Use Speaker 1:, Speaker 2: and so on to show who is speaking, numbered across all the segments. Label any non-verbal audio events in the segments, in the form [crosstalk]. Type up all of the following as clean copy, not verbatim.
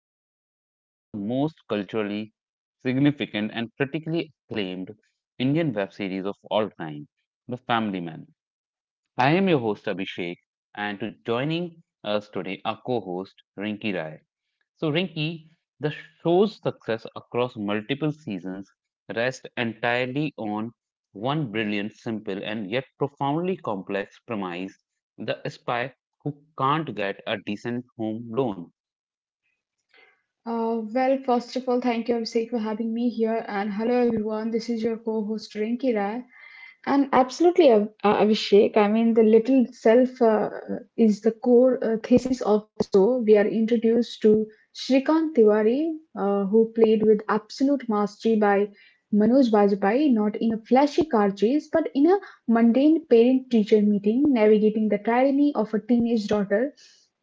Speaker 1: into one of the most culturally significant and critically acclaimed Indian web series of all time, The Family Man. I am your host, Abhishek, and to joining us today, our co host, Rinki Rai. So, Rinki, the show's success across multiple seasons rests entirely on one brilliant, simple, and yet profoundly complex premise, the spy who can't get a decent home loan.
Speaker 2: Well, first of all, thank you, Abhishek, for having me here. And hello, everyone. This is your co host, Rinki Rai. And absolutely, Abhishek, I mean, the little self is the core thesis of the show. We are introduced to Shrikant Tiwari, who played with absolute mastery by Manoj Bajpayee, not in a flashy car chase, but in a mundane parent teacher meeting, navigating the tyranny of a teenage daughter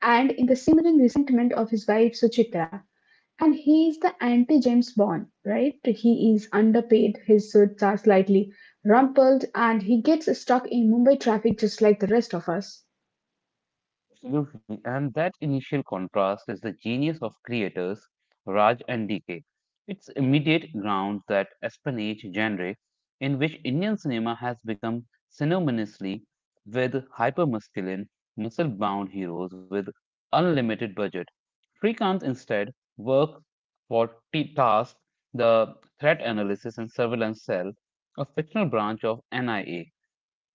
Speaker 2: and in the simmering resentment of his wife, Suchitra, and he's the anti James Bond, right? He is underpaid, his suits are slightly rumpled, and he gets stuck in Mumbai traffic just like the rest of us.
Speaker 1: Absolutely. And that initial contrast is the genius of creators Raj and DK. It's immediate ground that espionage genre in which Indian cinema has become synonymously with hypermasculine, muscle-bound heroes with unlimited budget. Srikanth instead works for T Task, the threat analysis and surveillance cell, a fictional branch of NIA.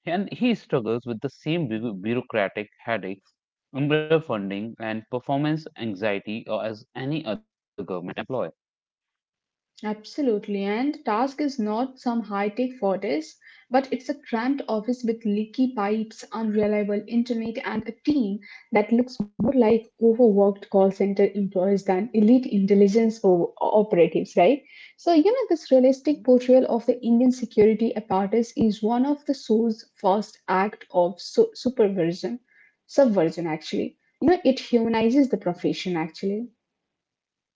Speaker 1: And he struggles with the same bureaucratic headaches, underfunding, and performance anxiety, as any other government employee.
Speaker 2: Absolutely, and the task is not some high-tech fortress, but it's a cramped office with leaky pipes, unreliable internet, and a team that looks more like overworked call center employees than elite intelligence operatives, right? So, you know, this realistic portrayal of the Indian security apparatus is one of the show's first act of subversion, actually. You know, it humanizes the profession, actually.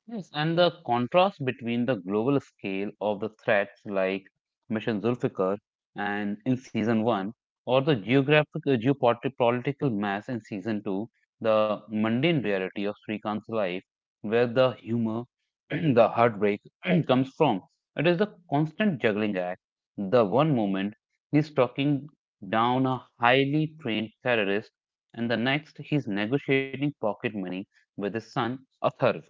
Speaker 1: Yes, and the contrast between the global scale of the threats like Mission Zulfikar and in season one, or the geographic geopolitical mass in season two, the mundane reality of Srikant's life, where the humor, [clears throat] the heartbreak [clears throat] comes from. It is the constant juggling. The one moment he's talking down a highly trained terrorist, and the next he's negotiating pocket money with his son, Atharv.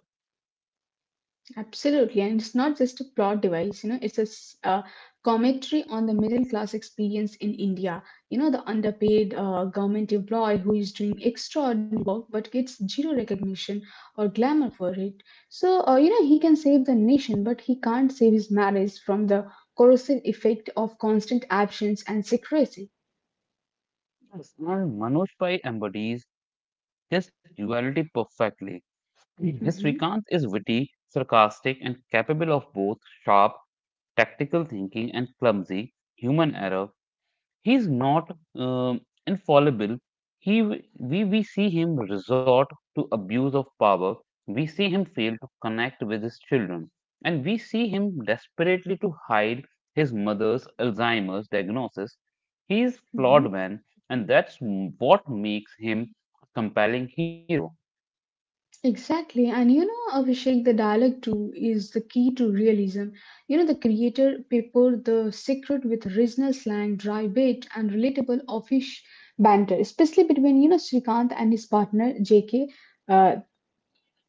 Speaker 2: Absolutely, and it's not just a plot device. You know, it's a commentary on the middle class experience in India. You know, the underpaid government employee who is doing extraordinary work but gets zero recognition or glamour for it. So, you know, he can save the nation, but he can't save his marriage from the corrosive effect of constant absence and secrecy.
Speaker 1: Yes, and Manoj Pai embodies this duality perfectly. His recount
Speaker 2: Mhm,
Speaker 1: is witty, sarcastic, and capable of both sharp, tactical thinking and clumsy human error. He's not infallible. He we see him resort to abuse of power. We see him fail to connect with his children, and we see him desperately to hide his mother's Alzheimer's diagnosis. He is
Speaker 2: mhm.
Speaker 1: flawed man, and that's what makes him a compelling hero.
Speaker 2: Exactly, and you know, Abhishek, the dialogue too is the key to realism. You know, the creator peppered the secret with original slang, dry bait, and relatable offish banter, especially between you know Srikanth and his partner J.K. Uh,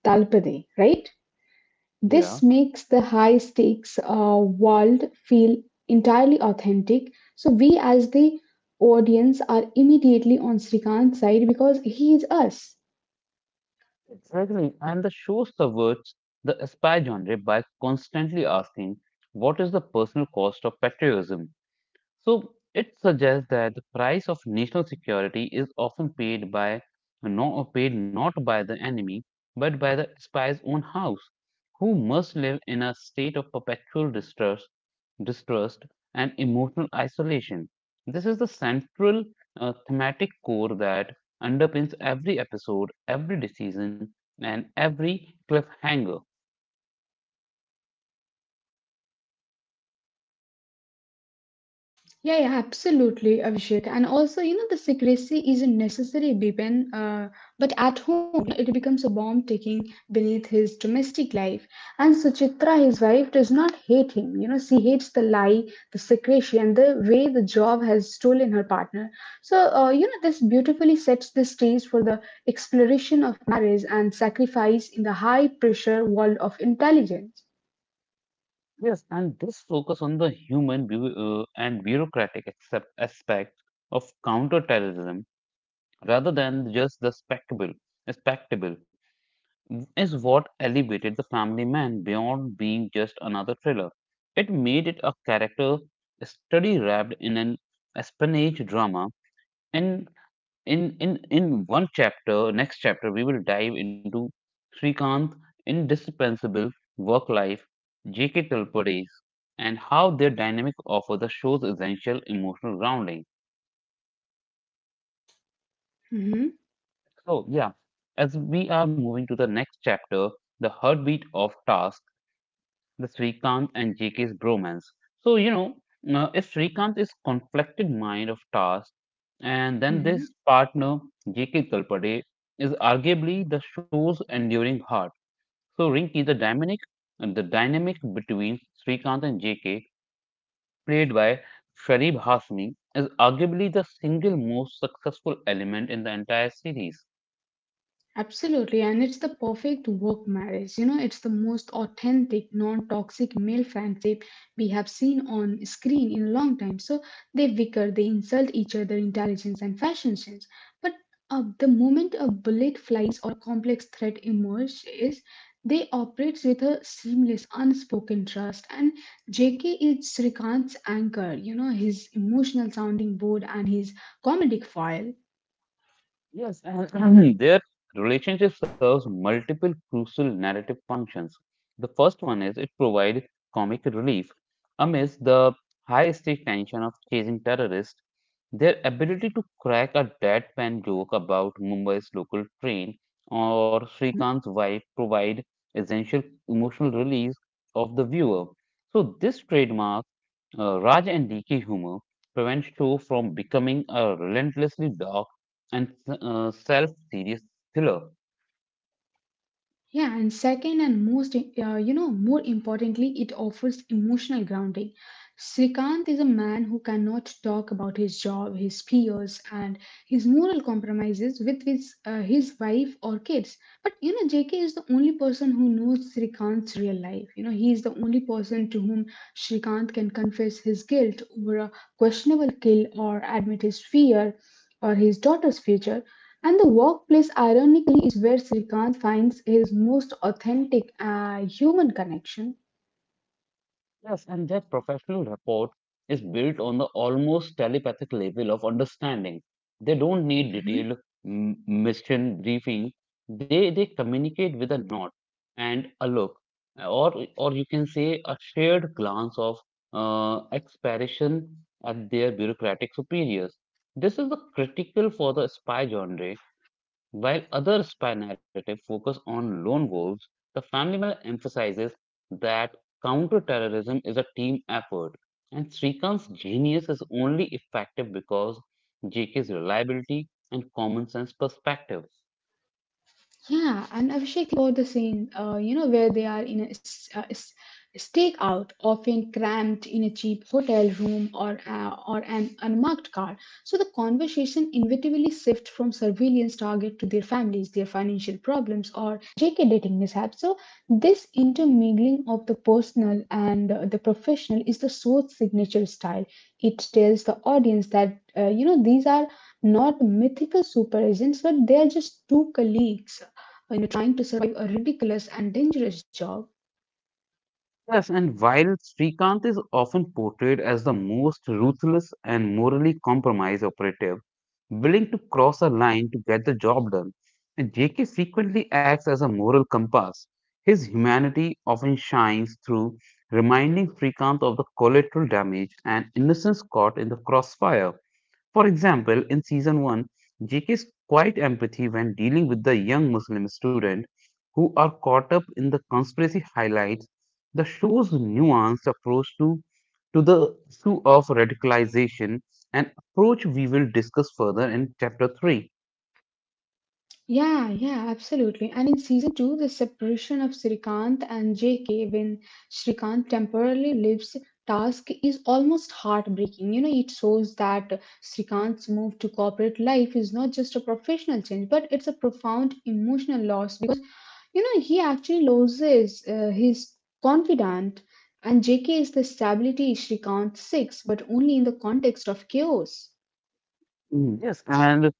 Speaker 2: Talpade, right?
Speaker 1: Yeah,
Speaker 2: This makes the high stakes world feel entirely authentic. So we, as the audience, are immediately on Srikanth's side because he is us.
Speaker 1: exactly. And the show subverts the spy genre by constantly asking, "What is the personal cost of patriotism?" So it suggests that the price of national security is often paid by, no, paid not by the enemy, but by the spy's own house, who must live in a state of perpetual distrust and emotional isolation. This is the central thematic core that underpins every episode, every decision, and every cliffhanger.
Speaker 2: Yeah, yeah, absolutely, Abhishek. And also, you know, the secrecy isn't necessary, Bipen, but at home, you know, it becomes a bomb ticking beneath his domestic life. And Suchitra, his wife, does not hate him. You know, she hates the lie, the secrecy, and the way the job has stolen her partner. So, you know, this beautifully sets the stage for the exploration of marriage and sacrifice in the high pressure world of intelligence.
Speaker 1: Yes, and this focus on the human and bureaucratic aspect of counterterrorism rather than just the spectacle is what elevated the family man beyond being just another thriller. It made it a character study wrapped in an espionage drama. In one chapter next chapter, we will dive into Srikant's indispensable work life, JK days, and how their dynamic offer the show's essential emotional grounding. So yeah, as we are moving to the next chapter, the heartbeat of task, the Srikanth and JK's bromance. So, if Srikanth is conflicted mind of task, and then this
Speaker 2: Hmm.
Speaker 1: partner, JK Kalpade, is arguably the show's enduring heart. So, Rinki, the dynamic between Srikanth and JK, played by Sharib Hasmi, is arguably the single most successful element in the entire series.
Speaker 2: Absolutely, and it's the perfect work marriage. You know, it's the most authentic, non toxic male friendship we have seen on screen in a long time. So they bicker, they insult each other intelligence and fashion sense. But the moment a bullet flies or a complex threat emerges, they operates with a seamless, unspoken trust. And JK is Srikant's anchor, you know, his emotional sounding board and his comedic foil.
Speaker 1: Yes, and [laughs] [clears throat] their relationship serves multiple crucial narrative functions. The first one is it provides comic relief. Amidst the high stake tension of chasing terrorists, their ability to crack a deadpan joke about Mumbai's local train or Srikant's wife provide essential emotional release of the viewer. So this trademark Raj and DK humor prevents show from becoming a relentlessly dark and self-serious thriller.
Speaker 2: Yeah, and second and most, you know, more importantly, it offers emotional grounding. Srikanth is a man who cannot talk about his job, his peers, and his moral compromises with his wife or kids. But, you know, JK is the only person who knows Srikanth's real life. You know, he is the only person to whom Srikanth can confess his guilt over a questionable kill or admit his fear or his daughter's future. And the workplace ironic is where Srikant finds his most authentic human connection.
Speaker 1: Yes, and their professional rapport is built on the almost telepathic level of understanding. They don't need detailed mission briefing. They communicate with a nod and a look, or you can say a shared glance of expression at their bureaucratic superiors. This is the critical for the spy genre while other spy narratives focus on lone wolves, the family mail emphasizes that counterterrorism is a team effort, and Srikant's genius is only effective because JK's reliability and common sense perspective.
Speaker 2: Yeah, and Abhishek, think about the scene, you know, where they are in a stakeout, often cramped in a cheap hotel room or an unmarked car. So the conversation inevitably shifts from surveillance target to their families, their financial problems, or shaky dating mishaps. So this intermingling of the personal and the professional is the show's signature style. It tells the audience that you know these are not mythical super agents, but they are just two colleagues when you are trying to survive a ridiculous and dangerous job.
Speaker 1: Yes, and while Srikanth is often portrayed as the most ruthless and morally compromised operative, willing to cross a line to get the job done, and JK frequently acts as a moral compass. His humanity often shines through, reminding Srikanth of the collateral damage and innocence caught in the crossfire. For example, in season 1, JK's quiet empathy when dealing with the young Muslim student who are caught up in the conspiracy highlights the show's nuanced approach to the issue of radicalization, an approach we will discuss further in chapter 3.
Speaker 2: Yeah, yeah, absolutely. And in season two, the separation of Srikanth and JK when Srikanth temporarily leaves task is almost heartbreaking. You know, it shows that Srikanth's move to corporate life is not just a professional change, but it's a profound emotional loss. You know, he actually loses his confidant, and JK is the stability Srikanth seeks, but only in the context of chaos.
Speaker 1: Mm, yes, and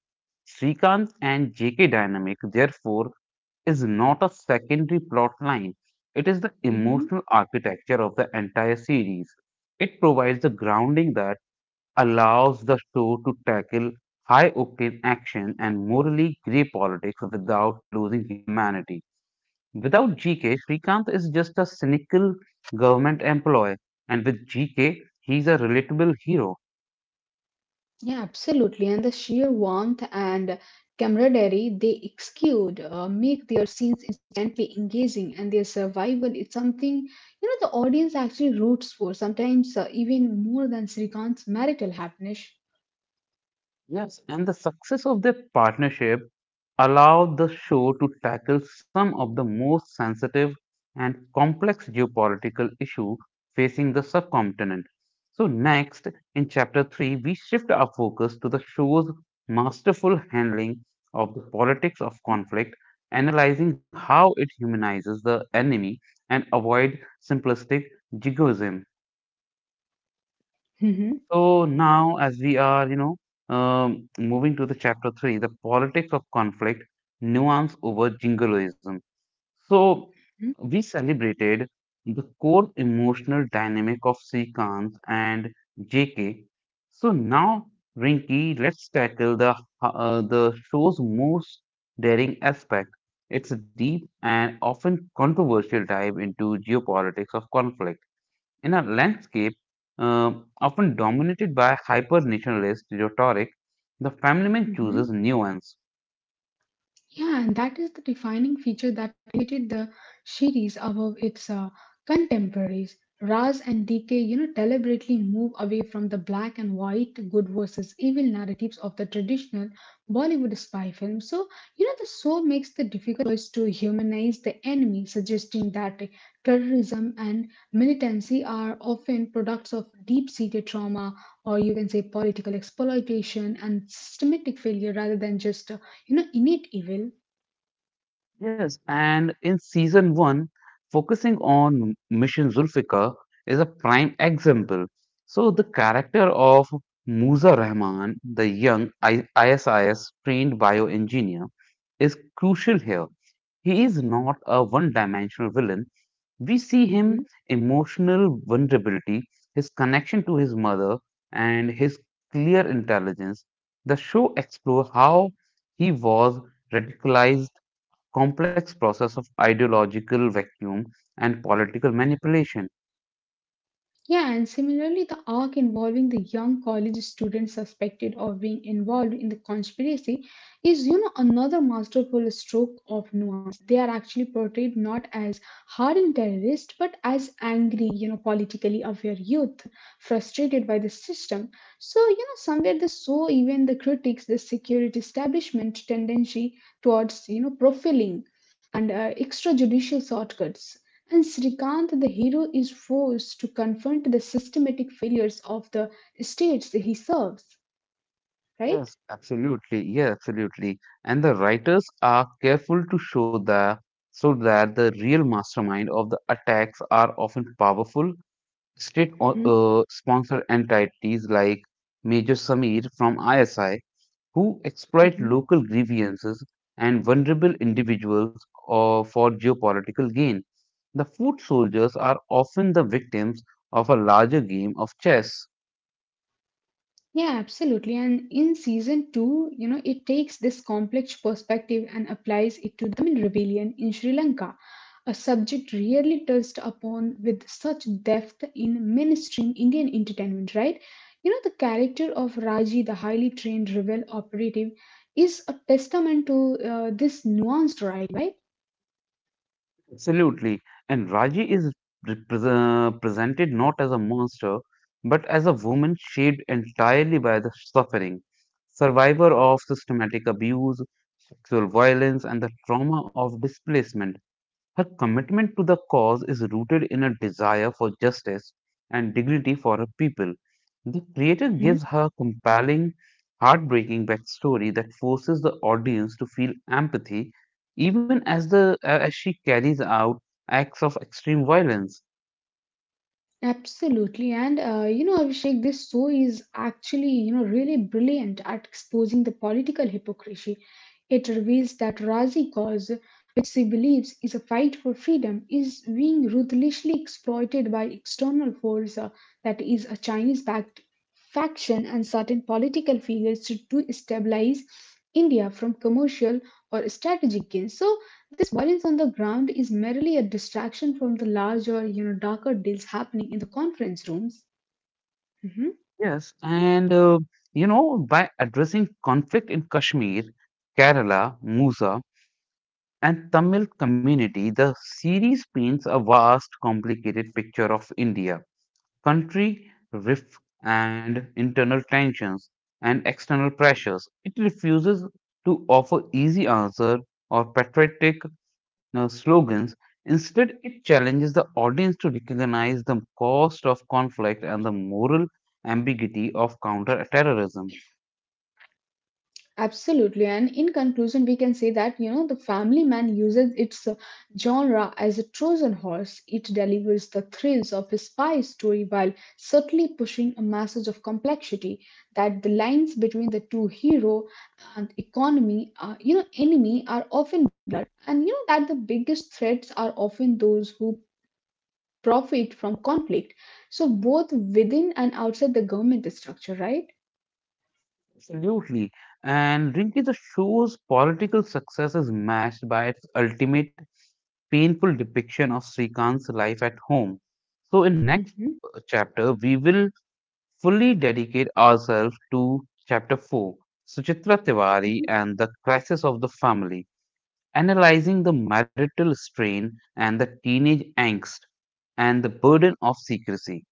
Speaker 1: Srikant and JK dynamic, therefore, is not a secondary plot line. It is the
Speaker 2: Mm-hmm.
Speaker 1: emotional architecture of the entire series. It provides the grounding that allows the show to tackle high octane action and morally grey politics without losing humanity. Without GK, Srikanth is just a cynical government employee, and with GK, he's a relatable hero.
Speaker 2: Yeah, absolutely. And the sheer warmth and camaraderie they exude make their scenes instantly engaging, and their survival is something you know the audience actually roots for. Sometimes even more than Srikant's marital happiness.
Speaker 1: Yes, and the success of their partnership allowed the show to tackle some of the most sensitive and complex geopolitical issue facing the subcontinent. So next, in chapter 3, we shift our focus to the show's masterful handling of the politics of conflict, analyzing how it humanizes the enemy and avoid simplistic jingoism.
Speaker 2: Hmm.
Speaker 1: So now, as we are, moving to the chapter three, the politics of conflict, nuance over jingoism. So we celebrated the core emotional dynamic of Srikanth and JK. So now, Rinki, let's tackle the show's most daring aspect. It's a deep and often controversial dive into geopolitics of conflict in a landscape, uh, often dominated by hyper nationalist rhetoric, the family man chooses
Speaker 2: Hmm.
Speaker 1: nuance.
Speaker 2: Yeah, and that is the defining feature that elevated the series above its contemporaries. Raz and DK, you know, deliberately move away from the black and white good versus evil narratives of the traditional Bollywood spy film. So, you know, the show makes the difficult choice to humanize the enemy, suggesting that terrorism and militancy are often products of deep-seated trauma, or you can say political exploitation and systematic failure, rather than just you know innate evil.
Speaker 1: Yes, and in season one, focusing on Mission Zulfikar is a prime example. So, the character of Musa Rahman, the young ISIS trained bioengineer, is crucial here. He is not a one dimensional villain. We see him
Speaker 2: Mhm.
Speaker 1: emotional vulnerability, his connection to his mother, and his clear intelligence. The show explores how he was radicalized, complex process of ideological vacuum and political manipulation.
Speaker 2: Yeah, and similarly, the arc involving the young college student suspected of being involved in the conspiracy is, you know, another masterful stroke of nuance. They are actually portrayed not as hardened terrorists, but as angry, you know, politically aware youth frustrated by the system. So, you know, somewhere they saw even the critics, the security establishment tendency towards, you know, profiling and extrajudicial shortcuts. And Srikant, the hero, is forced to confront the systematic failures of the states he serves, right?
Speaker 1: Yes, absolutely. Yeah, absolutely. And the writers are careful to show that so that the real mastermind of the attacks are often powerful state sponsor entities like Major Samir from ISI, who exploit
Speaker 2: Mhm.
Speaker 1: local grievances and vulnerable individuals, for geopolitical gain. The foot soldiers are often the victims of a larger game of chess.
Speaker 2: Yeah, absolutely. And in season two, you know, it takes this complex perspective and applies it to the Tamil rebellion in Sri Lanka, a subject rarely touched upon with such depth in mainstream Indian entertainment, right? You know, the character of Raji, the highly trained rebel operative, is a testament to this nuanced writing, right?
Speaker 1: Absolutely. And Raji is presented not as a monster, but as a woman shaped entirely by the suffering, survivor of systematic abuse, sexual violence, and the trauma of displacement. Her commitment to the cause is rooted in a desire for justice and dignity for her people. The creator gives her compelling, heartbreaking backstory that forces the audience to feel empathy even as the as she carries out acts of extreme violence.
Speaker 2: Absolutely. And, you know, Abhishek, this show is actually, you know, really brilliant at exposing the political hypocrisy. It reveals that Razi cause, which she believes is a fight for freedom, is being ruthlessly exploited by external force, that is a Chinese-backed faction and certain political figures to stabilize India from commercial or strategic gains. So violence on the ground is merely a distraction from the larger, you know, darker deals happening in the conference rooms. Mhm.
Speaker 1: Yes, and by addressing conflict in Kashmir, Kerala, Musa, and Tamil community, the series paints a vast, complicated picture of India country, rift, and internal tensions and external pressures. It refuses to offer easy answers or patriotic slogans. Instead, it challenges the audience to recognize the cost of conflict and the moral ambiguity of counter terrorism.
Speaker 2: Absolutely. And in conclusion, we can say that, you know, the family man uses its genre as a Trojan horse. It delivers the thrills of a spy story while subtly pushing a message of complexity that the lines between the two hero and you know, enemy are often blurred. And you know that the biggest threats are often those who profit from conflict. So both within and outside the government structure, right?
Speaker 1: Absolutely. And Rinki, the show's political success is matched by its ultimate painful depiction of Srikant's life at home. So, in next
Speaker 2: Hmm.
Speaker 1: chapter, we will fully dedicate ourselves to chapter 4, Suchitra Tiwari and the crisis of the family, analyzing the marital strain and the teenage angst and the burden of secrecy.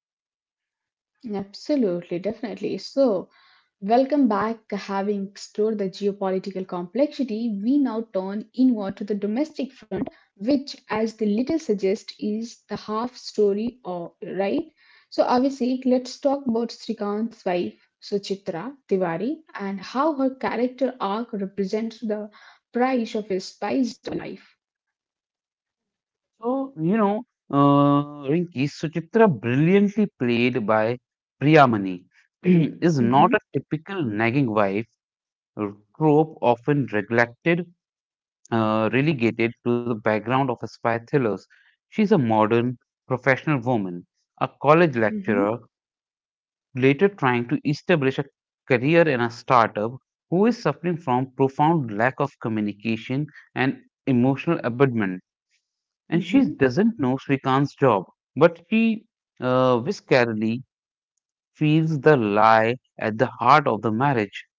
Speaker 2: Absolutely, definitely. So, welcome back. Having explored the geopolitical complexity, we now turn inward to the domestic front, which, as the little suggests, is the half story, or right? So, Abhishek, let's talk about Srikant's wife, Suchitra Tiwari, and how her character arc represents the price of his spiced life.
Speaker 1: So, Rinki, Suchitra, brilliantly played by Priyamani, [clears throat] is
Speaker 2: Mm-hmm.
Speaker 1: not a typical nagging wife trope often neglected, relegated to the background of spy thrillers. She's a modern, professional woman, a college
Speaker 2: Mm-hmm.
Speaker 1: lecturer, later trying to establish a career in a startup, who is suffering from profound lack of communication and emotional abandonment, and she
Speaker 2: Mm-hmm.
Speaker 1: doesn't know Srikant's job, but she viscerally feels the lie at the heart of the marriage.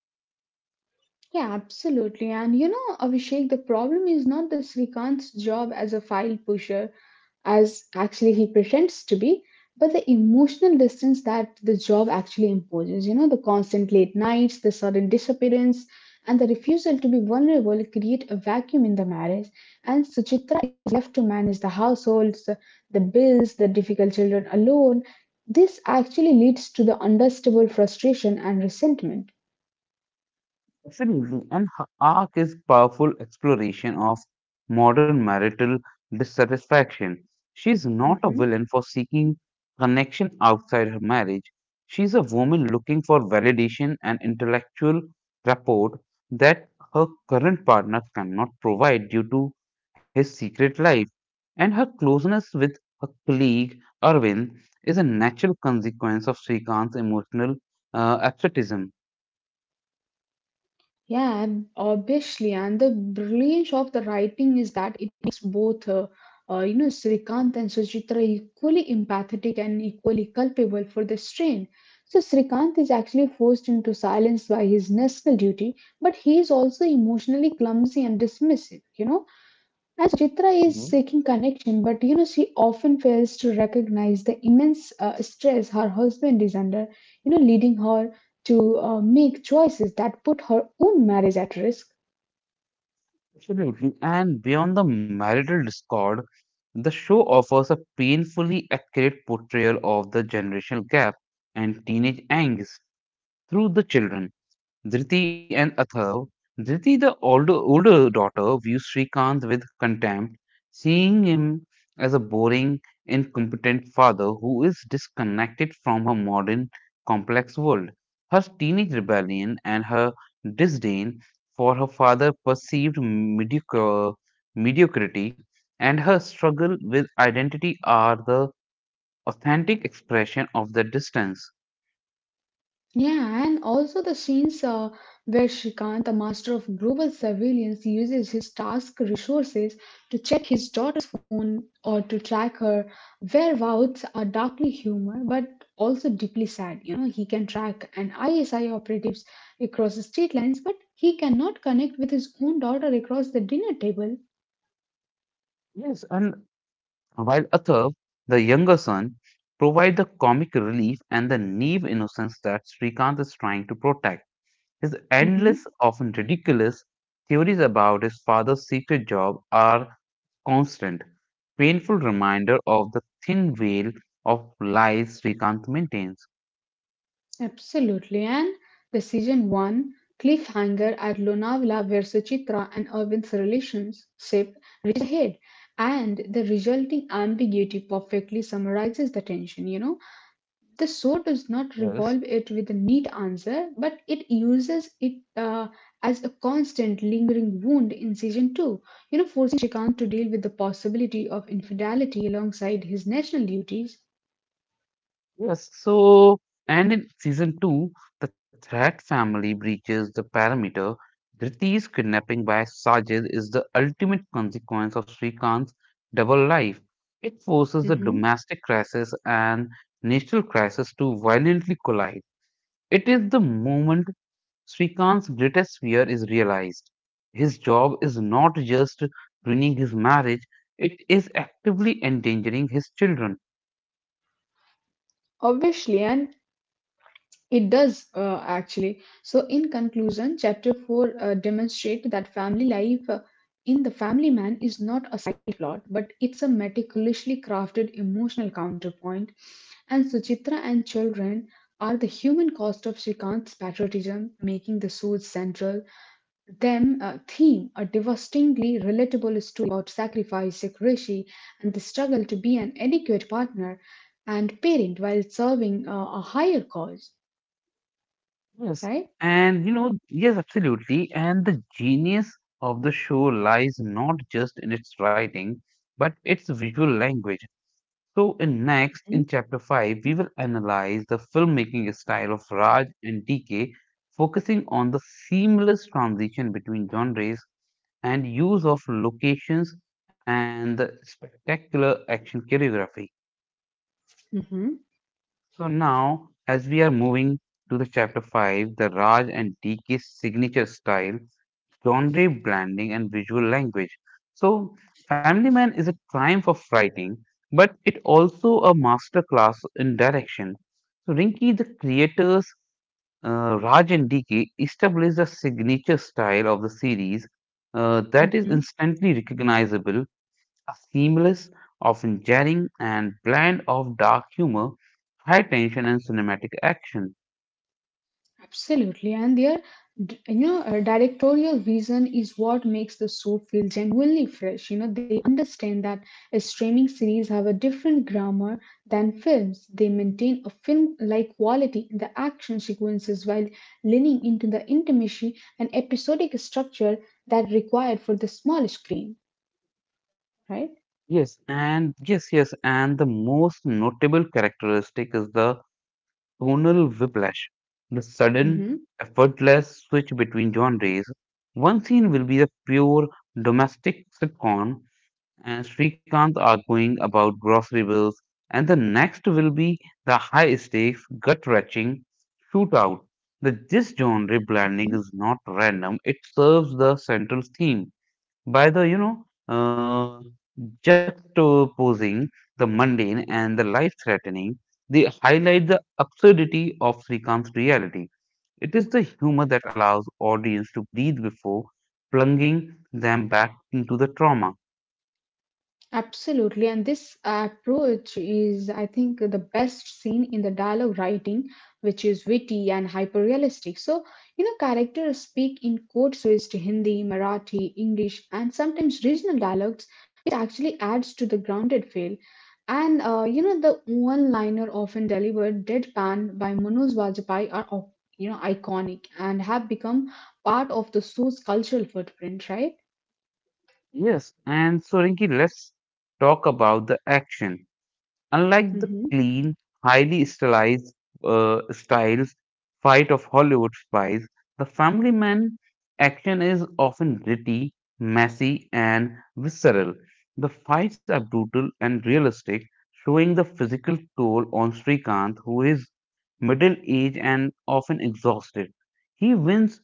Speaker 2: Yeah, absolutely. And you know, Abhishek, the problem is not the Srikant's job as a file pusher, as actually he pretends to be, but the emotional distance that the job actually imposes. You know, the constant late nights, the sudden disappearance, and the refusal to be vulnerable create a vacuum in the marriage. And Suchitra left to manage the households, the bills, the difficult children alone. This actually leads to the understable frustration and resentment.
Speaker 1: Absolutely. And her arc is powerful exploration of modern marital dissatisfaction. She's not a
Speaker 2: Mm-hmm.
Speaker 1: villain for seeking connection outside her marriage. She's a woman looking for validation and intellectual rapport that her current partner cannot provide due to his secret life. And her closeness with her colleague Arvind is a natural consequence of Srikant's emotional absenteeism.
Speaker 2: Yeah, obviously, and the brilliance of the writing is that it makes both, you know, Srikanth and Suchitra equally empathetic and equally culpable for the strain. So Srikanth is actually forced into silence by his national duty, but he is also emotionally clumsy and dismissive. You know, and Suchitra is seeking connection, but you know, she often fails to recognize the immense stress her husband is under, you know, leading her to make choices that put her own marriage at risk.
Speaker 1: Absolutely. And beyond the marital discord, the show offers a painfully accurate portrayal of the generational gap and teenage angst through the children, Driti and Atharv. Driti, the older daughter, views Srikanth with contempt, seeing him as a boring, incompetent father who is disconnected from her modern, complex world. Her teenage rebellion and her disdain for her father's perceived mediocrity and her struggle with identity are the authentic expression of that distance.
Speaker 2: Yeah, and also the scenes where Shrikant, the master of global surveillance, uses his task resources to check his daughter's phone or to track her whereabouts are darkly humor, but also deeply sad. You know, he can track an ISI operatives across the state lines, but he cannot connect with his own daughter across the dinner table.
Speaker 1: Yes, and while Atharv, the younger son, provide the comic relief and the naive innocence that Srikant is trying to protect. His endless,
Speaker 2: Mhm.
Speaker 1: often ridiculous theories about his father's secret job are constant, painful reminder of the thin veil of lies Srikant maintains.
Speaker 2: Absolutely. And the season one cliffhanger at Lonavala where Suchitra and Irvin's relationship reaches a head. And the resulting ambiguity perfectly summarizes the tension, you know. The show does not
Speaker 1: Yes.
Speaker 2: revolve it with a neat answer, but it uses it as a constant lingering wound in season two, you know, forcing Shrikant to deal with the possibility of infidelity alongside his national duties.
Speaker 1: Yes, so, and in season two, the Threat family breaches the parameter. Dhriti's kidnapping by Sajid is the ultimate consequence of Srikant's double life. It forces the
Speaker 2: Mhm.
Speaker 1: domestic crisis and national crisis to violently collide. It is the moment Srikant's greatest fear is realized. His job is not just ruining his marriage, it is actively endangering his children.
Speaker 2: Obviously, and it does, actually. So, in conclusion, chapter 4 demonstrates that family life in the family man is not a side plot, but it's a meticulously crafted emotional counterpoint. And Suchitra and children are the human cost of Srikant's patriotism, making the suits central. Theme a devastatingly relatable story about sacrifice, secrecy, and the struggle to be an adequate partner and parent while serving a higher cause,
Speaker 1: Yes.
Speaker 2: right?
Speaker 1: And absolutely. And the genius of the show lies not just in its writing, but its visual language. So, in chapter 5, we will analyze the filmmaking style of Raj and DK, focusing on the seamless transition between genres and use of locations and the spectacular action choreography.
Speaker 2: Mhm.
Speaker 1: So, now, as we are moving to the chapter 5, the Raj and DK signature style, genre blending and visual language. So, Family Man is a triumph of writing, but it also a masterclass in direction. So, Rinki, the creators Raj and DK established a signature style of the series that is
Speaker 2: Mhm.
Speaker 1: instantly recognizable, a seamless, often jarring, and blend of dark humor, high tension, and cinematic action.
Speaker 2: Absolutely. And their, d- you know, Directorial vision is what makes the show feel genuinely fresh. You know, they understand that a streaming series have a different grammar than films. They maintain a film-like quality in the action sequences while leaning into the intimacy and episodic structure that required for the small screen, right?
Speaker 1: And the most notable characteristic is the tonal whiplash, the sudden,
Speaker 2: Mm-hmm.
Speaker 1: effortless switch between genres. One scene will be a pure domestic sitcom and Srikanth arguing about grocery bills, and the next will be the high stakes, gut wrenching shootout. The this genre blending is not random, it serves the central theme by the you know juxtaposing the mundane and the life threatening, they highlight the absurdity of Srikant's reality. It is the humor that allows audience to breathe before plunging them back into the trauma.
Speaker 2: Absolutely, and this approach is, I think, the best seen in the dialogue writing, which is witty and hyper realistic. So, you know, characters speak in code switched Hindi, Marathi, English, and sometimes regional dialects, which actually adds to the grounded feel. You know, the one liner often delivered deadpan by Manoj Bajpayee are, you know, iconic and have become part of the show's cultural footprint, right?
Speaker 1: Yes, and so Rinki, let's talk about the action. Unlike the
Speaker 2: Hmm.
Speaker 1: clean, highly stylized styles fight of Hollywood spies, the Family Man action is often gritty, messy, and visceral. The fights are brutal and realistic, showing the physical toll on Srikanth, who is middle aged and often exhausted. He wins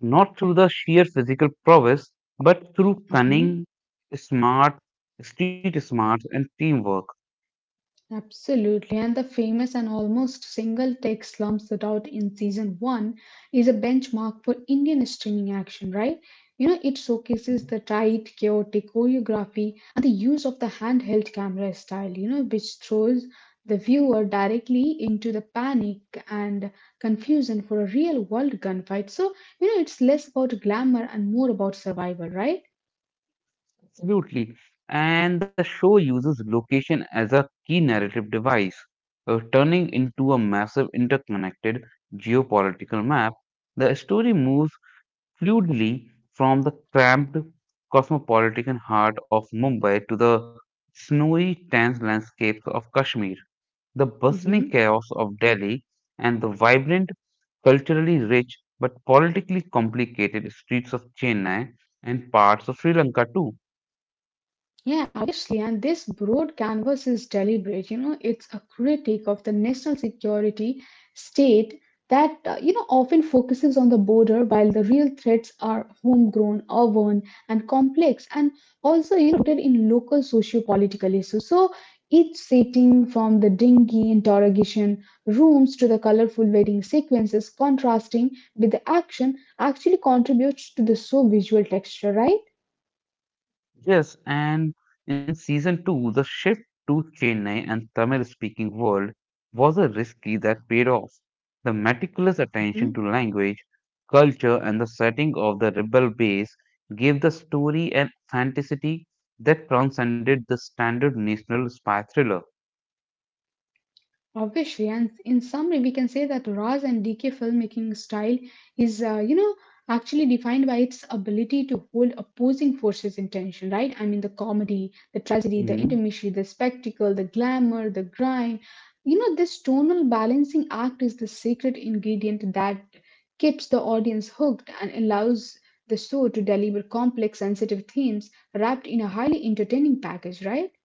Speaker 1: not through the sheer physical prowess, but through
Speaker 2: Hmm.
Speaker 1: cunning, smart, street smarts, and teamwork.
Speaker 2: Absolutely, and the famous and almost single take Slums that Out in season one is a benchmark for Indian streaming action, right? You know, it showcases the tight, chaotic choreography and the use of the handheld camera style, you know, which throws the viewer directly into the panic and confusion for a real world gunfight. So, you know, it's less about glamour and more about survival, right?
Speaker 1: Absolutely. And the show uses location as a key narrative device, turning into a massive interconnected geopolitical map. The story moves fluidly from the cramped cosmopolitan heart of Mumbai to the snowy, tense landscapes of Kashmir, the
Speaker 2: Hmm.
Speaker 1: bustling chaos of Delhi, and the vibrant, culturally rich but politically complicated streets of Chennai and parts of Sri Lanka too.
Speaker 2: Yeah, obviously, and this broad canvas is deliberate. You know, it's a critique of the national security state you know, often focuses on the border while the real threats are homegrown, urban, and complex, and also, you know, rooted in local socio-political issues. So each setting from the dingy interrogation rooms to the colorful wedding sequences contrasting with the action actually contributes to the so visual texture, right?
Speaker 1: Yes, and in season two, the shift to Chennai and Tamil speaking world was a risky that paid off. The meticulous attention to language, culture, and the setting of the rebel base gave the story an authenticity that transcended the standard national spy thriller.
Speaker 2: Obviously, and in summary, we can say that Ra's and DK filmmaking style is, you know, actually defined by its ability to hold opposing forces in tension, right? I mean, the comedy, the tragedy,
Speaker 1: Mhm.
Speaker 2: the intermission, the spectacle, the glamour, the grime. You know, this tonal balancing act is the secret ingredient that keeps the audience hooked and allows the show to deliver complex, sensitive themes wrapped in a highly entertaining package, right?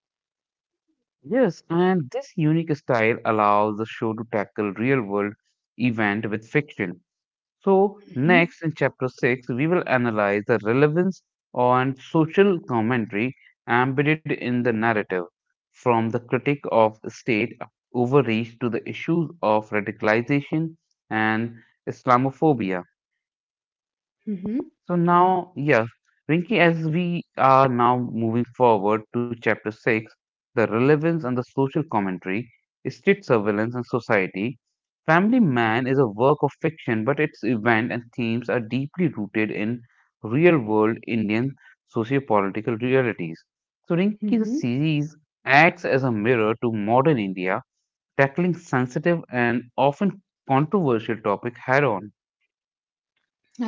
Speaker 1: Yes, and this unique style allows the show to tackle real world event with fiction. So,
Speaker 2: Hmm.
Speaker 1: next in chapter 6, we will analyze the relevance and social commentary embedded in the narrative, from the critique of state overreach to the issues of radicalization and Islamophobia.
Speaker 2: Hmm.
Speaker 1: So now, yes, Rinki, as we are now moving forward to chapter 6, the relevance and the social commentary, state surveillance and society. Family Man is a work of fiction, but its event and themes are deeply rooted in real world Indian socio-political realities. So Rinki, the
Speaker 2: Hmm.
Speaker 1: series acts as a mirror to modern India, tackling sensitive and often controversial topic head on.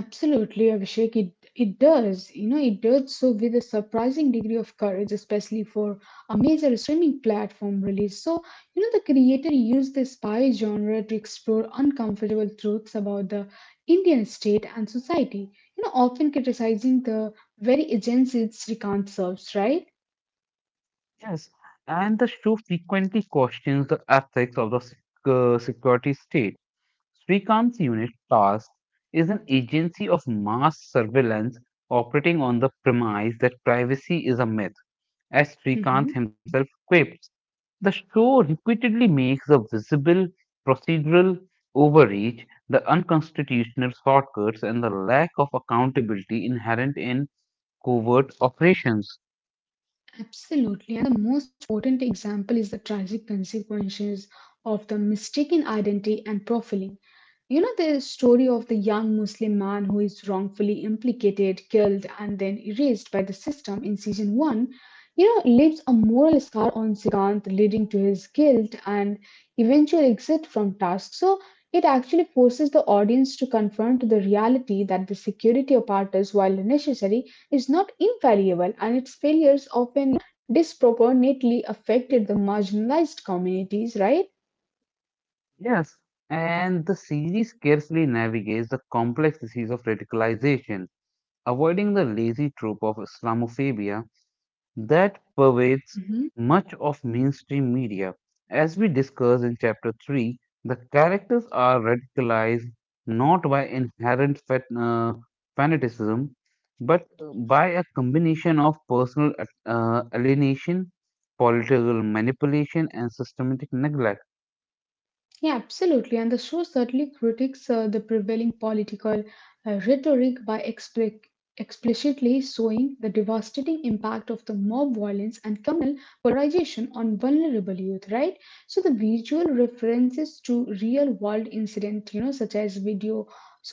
Speaker 2: Absolutely, Abhishek. It does. You know, it does so with a surprising degree of courage, especially for a major streaming platform release. So, you know, the creator used the spy genre to explore uncomfortable truths about the Indian state and society. You know, often criticizing the very agency its recount serves, right?
Speaker 1: Yes, and the show frequently questions the ethics of the security state. Srikant's unit task is an agency of mass surveillance operating on the premise that privacy is a myth, as Srikant
Speaker 2: Mm-hmm.
Speaker 1: himself quips. The show repeatedly makes a visible procedural overreach, the unconstitutional shortcuts, and the lack of accountability inherent in covert operations.
Speaker 2: Absolutely. And the most important example is the tragic consequences of the mistaken identity and profiling. You know, the story of the young Muslim man who is wrongfully implicated, killed, and then erased by the system in season one, you know, leaves a moral scar on Sikant, leading to his guilt and eventual exit from task. So it actually forces the audience to confront the reality that the security apparatus, while necessary, is not infallible and its failures often disproportionately affected the marginalized communities, right?
Speaker 1: Yes, and the series carefully navigates the complex disease of radicalization, avoiding the lazy trope of Islamophobia that pervades much of mainstream media. As we discussed in Chapter 3, the characters are radicalized not by inherent fanaticism, but by a combination of personal alienation, political manipulation, and systematic neglect.
Speaker 2: Yeah, absolutely. And the show certainly critiques the prevailing political rhetoric by explicitly showing the devastating impact of the mob violence and communal polarization on vulnerable youth, right? So the visual references to real world incident, you know, such as videos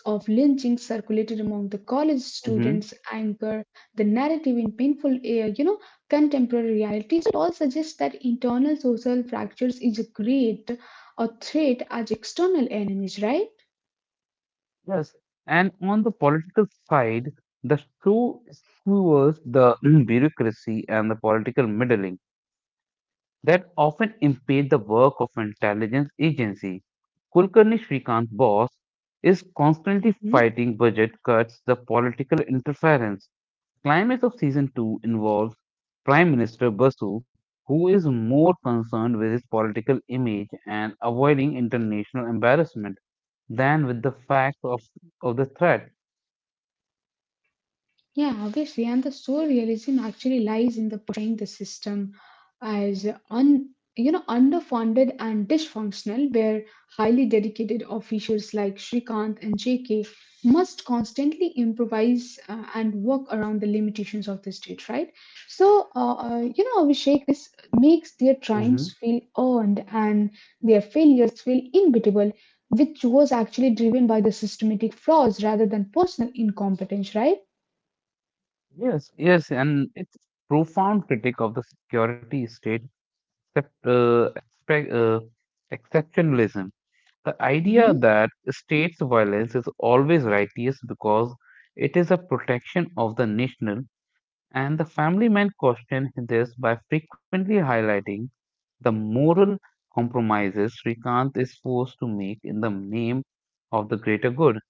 Speaker 2: of lynching circulated among the college
Speaker 1: Mm-hmm.
Speaker 2: students, anchor the narrative in painful, you know, contemporary realities. So it all suggests that internal social fractures is a great or threat as external enemies, right?
Speaker 1: Yes, and on the political side, the show skewers the [clears throat] bureaucracy and the political meddling that often impede the work of intelligence agency. Kulkarni, Srikanth boss, is constantly
Speaker 2: Mhm.
Speaker 1: fighting budget cuts, the political interference. Climax of season two involves Prime Minister Basu, who is more concerned with his political image and avoiding international embarrassment than with the facts of the threat.
Speaker 2: Yeah, obviously. And the soul realism actually lies in the portraying the system as you know, underfunded and dysfunctional, where highly dedicated officials like Srikanth and JK must constantly improvise and work around the limitations of the state, right? So, you know, Abhishek, this makes their
Speaker 1: Hmm.
Speaker 2: triumphs feel earned and their failures feel inevitable, which was actually driven by the systematic flaws rather than personal incompetence, right?
Speaker 1: Yes, and it's profound critique of the security state except, uh, expect, uh, exceptionalism. The idea
Speaker 2: Mhm.
Speaker 1: that states' violence is always righteous because it is a protection of the national, and the family man question this by frequently highlighting the moral compromises Srikanth is forced to make in the name of the greater good.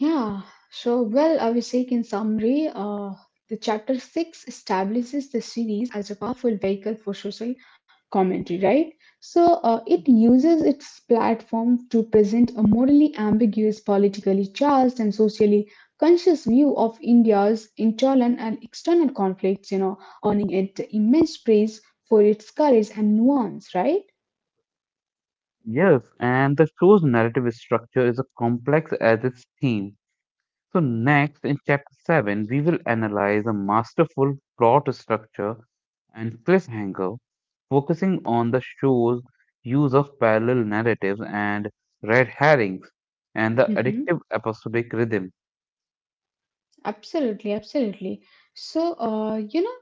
Speaker 2: Yeah, well, Abhishek, in summary, the chapter 6 establishes the series as a powerful vehicle for social commentary, right? So it uses its platform to present a morally ambiguous, politically charged, and socially conscious view of India's internal and external conflicts, you know, earning it immense praise for its courage and nuance, right?
Speaker 1: Yes, and the show's narrative structure is a complex as its theme. So, next in chapter 7, we will analyze a masterful plot structure and cliffhanger, focusing on the show's use of parallel narratives and red herrings and the
Speaker 2: Hmm.
Speaker 1: addictive episodic rhythm.
Speaker 2: Absolutely, absolutely. So, you know.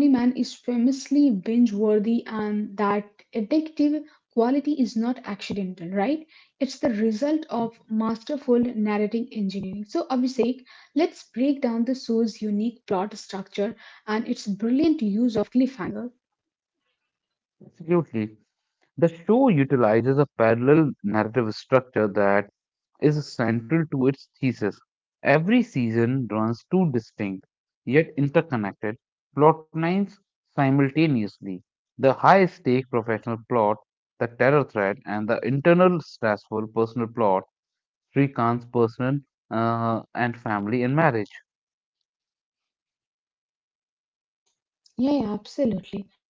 Speaker 2: Family Man is famously binge worthy, and that addictive quality is not accidental, right? It's the result of masterful narrative engineering. So, Abhishek, let's break down the show's unique plot structure and its brilliant use of cliffhanger.
Speaker 1: Absolutely. The show utilizes a parallel narrative structure that is central to its thesis. Every season runs two distinct, yet interconnected, plotlines simultaneously, the high stake professional plot, the terror threat, and the internal stressful personal plot, Srikant's personal and family and marriage.
Speaker 2: Yeah, absolutely.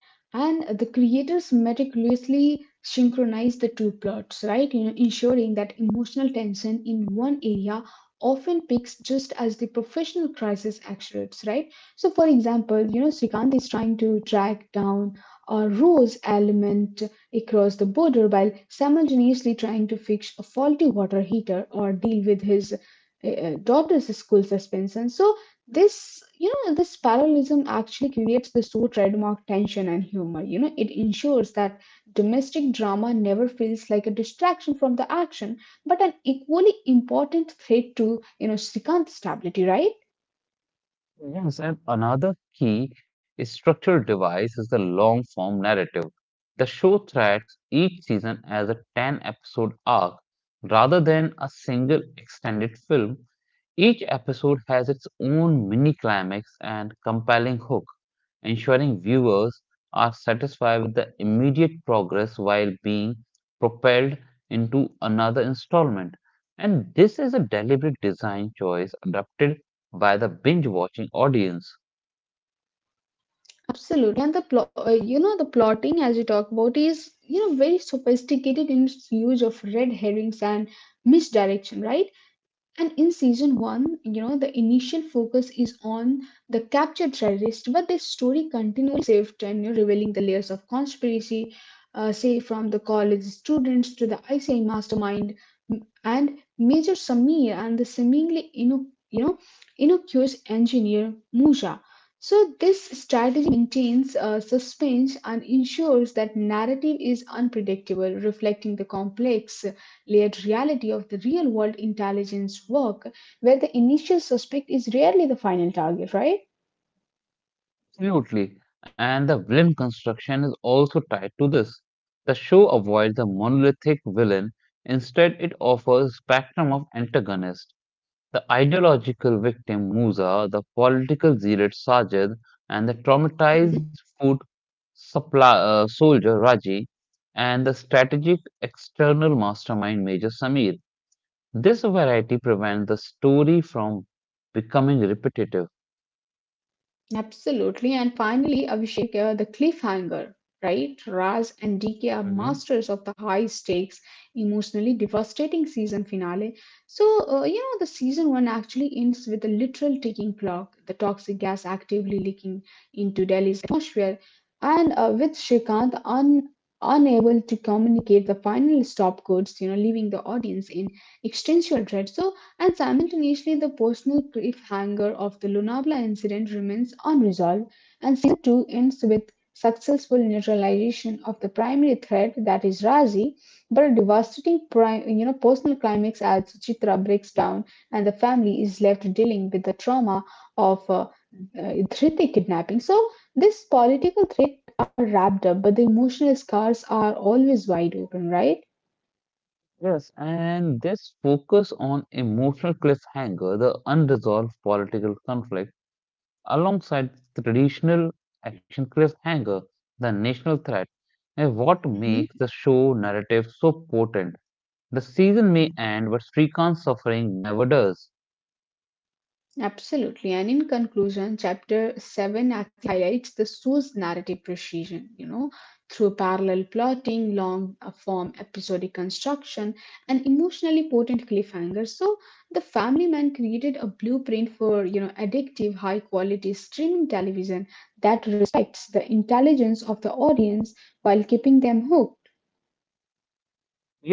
Speaker 2: And the creators meticulously synchronized the two plots, right? You know, ensuring that emotional tension in one area often peaks just as the professional crisis accelerates, right? So, for example, you know, Srikant is trying to track down a rose element across the border while simultaneously trying to fix a faulty water heater or deal with his daughter's school suspension. So this, you know, this parallelism actually creates the so trademark tension and humor. You know, it ensures that domestic drama never feels like a distraction from the action, but an equally important threat to, you know, Srikant's stability, right?
Speaker 1: Yes, and another key structural device is the long form narrative. The show threads each season as a 10 episode arc rather than a single extended film. Each episode has its own mini climax and compelling hook, ensuring viewers are satisfied with the immediate progress while being propelled into another installment. And this is a deliberate design choice adapted by the binge watching audience.
Speaker 2: Absolutely. And the plotting, as you talk about, is, you know, very sophisticated in its use of red herrings and misdirection, right? And in season one, you know, the initial focus is on the captured terrorist, but the story continually shifts and, you know, revealing the layers of conspiracy, say from the college students to the ICI mastermind and Major Samir and the seemingly, you know, Inocu's engineer Musha. So this strategy maintains suspense and ensures that narrative is unpredictable, reflecting the complex, layered reality of the real world intelligence work, where the initial suspect is rarely the final target, right?
Speaker 1: Absolutely. And the villain construction is also tied to this. The show avoids the monolithic villain, instead, it offers spectrum of antagonists: the ideological victim Musa, the political zealot Sajid, and the traumatized food supply soldier Raji, and the strategic external mastermind Major Samir. This variety prevents the story from becoming repetitive.
Speaker 2: Absolutely. And finally, Abhishek, the cliffhanger, right? Raj and DK are
Speaker 1: Mm-hmm.
Speaker 2: masters of the high stakes, emotionally devastating season finale. So, you know, the season one actually ends with a literal ticking clock, the toxic gas actively leaking into Delhi's atmosphere, and with Shrikant un unable to communicate the final stop codes, you know, leaving the audience in existential dread. So, and simultaneously, the personal cliffhanger of the Lunabla incident remains unresolved, and season 2 ends with successful neutralization of the primary threat that is Razi, but a devastating you know, personal climax as Chitra breaks down and the family is left dealing with the trauma of uh, Dhriti kidnapping. So this political threat are wrapped up, but the emotional scars are always wide open, right?
Speaker 1: Yes, and this focus on emotional cliffhanger, the unresolved political conflict, alongside traditional action cliffhanger, the national threat, is what
Speaker 2: Mhm.
Speaker 1: makes the show narrative so potent. The season may end, but Srikant's suffering never does.
Speaker 2: Absolutely. And in conclusion, chapter 7 actually highlights the show's narrative precision, you know, through parallel plotting, long form episodic construction, and emotionally potent cliffhanger. So the family man created a blueprint for, you know, addictive, high quality streaming television that respects the intelligence of the audience while keeping them hooked.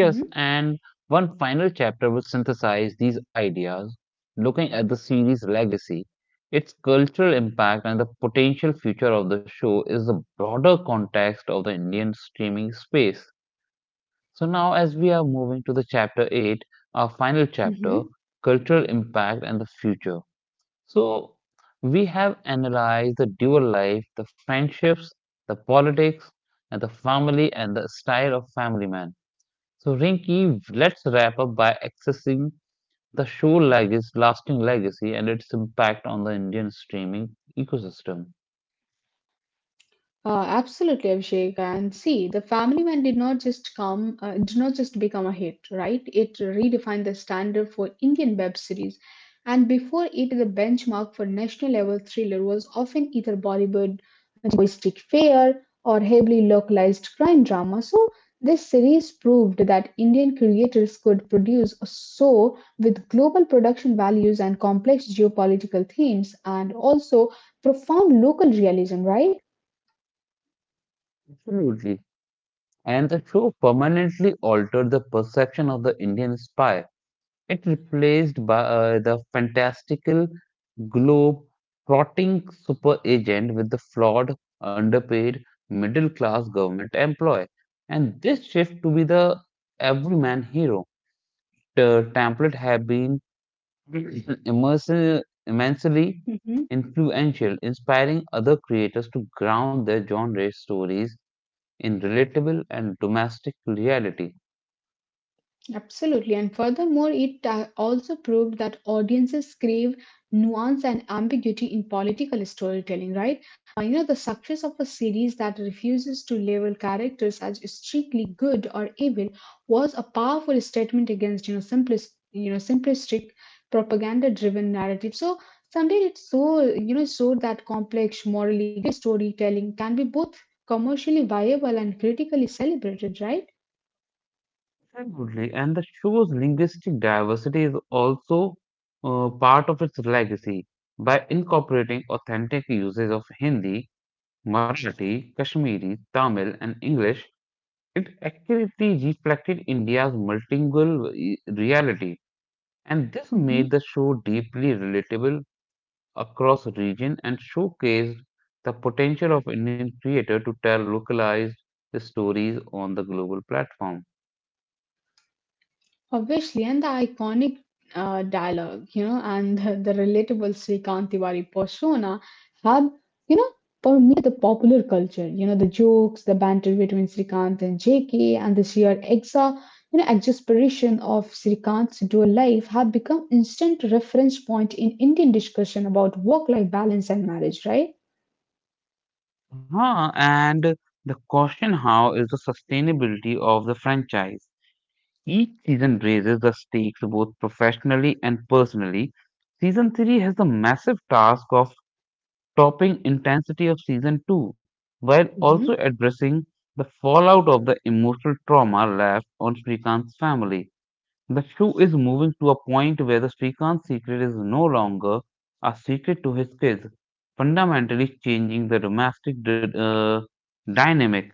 Speaker 2: Mhm.
Speaker 1: and one final chapter will synthesize these ideas, looking at the series' legacy, its cultural impact, and the potential future of the show is the broader context of the Indian streaming space. So, now as we are moving to the chapter 8, our final chapter,
Speaker 2: Mhm.
Speaker 1: cultural impact and the future. So, we have analyzed the dual life, the friendships, the politics, and the family and the style of Family Man. So, Rinky, let's wrap up by accessing the show legacy, lasting legacy and its impact on the Indian streaming ecosystem.
Speaker 2: Absolutely, Abhishek. And see, the Family Man did not just become a hit, right? It redefined the standard for Indian web series, and before it, the benchmark for national level thriller was often either Bollywood, Mystic Fair, or heavily localized crime drama. So this series proved that Indian creators could produce a show with global production values and complex geopolitical themes, and also profound local realism, right?
Speaker 1: Absolutely. And the show permanently altered the perception of the Indian spy. It replaced by, the fantastical globe trotting super agent with the flawed, underpaid, middle class government employee. And this shift to be the everyman hero. The template have been [clears throat] [laughs] immersive, immensely influential, inspiring other creators to ground their genre stories in relatable and domestic reality.
Speaker 2: Absolutely. And furthermore, it also proved that audiences crave nuance and ambiguity in political storytelling, right? You know, the success of a series that refuses to label characters as strictly good or evil was a powerful statement against, you know, simplistic propaganda-driven narrative. So somewhere it so, you know, showed that complex, morally gray storytelling can be both commercially viable and critically celebrated, right?
Speaker 1: Absolutely, and the show's linguistic diversity is also part of its legacy by incorporating authentic uses of Hindi, Marathi, Kashmiri, Tamil, and English. It accurately reflected India's multilingual reality, and this
Speaker 2: Mhm.
Speaker 1: made the show deeply relatable across region and showcased the potential of Indian creator to tell localized stories on the global platform.
Speaker 2: Obviously, and the iconic dialogue, you know, and the relatable Srikanth Tiwari persona have, you know, permeated the popular culture. You know, the jokes, the banter between Srikanth and JK, and the sheer you know, exasperation of Srikanth's dual life have become instant reference point in Indian discussion about work-life balance and marriage, right?
Speaker 1: Huh, and the question how is the sustainability of the franchise? Each season raises the stakes both professionally and personally. Season 3 has the massive task of topping intensity of season 2 while also addressing the fallout of the emotional trauma left on Srikanth's family. The show is moving to a point where the Srikant's secret is no longer a secret to his kids, fundamentally changing the domestic dynamic.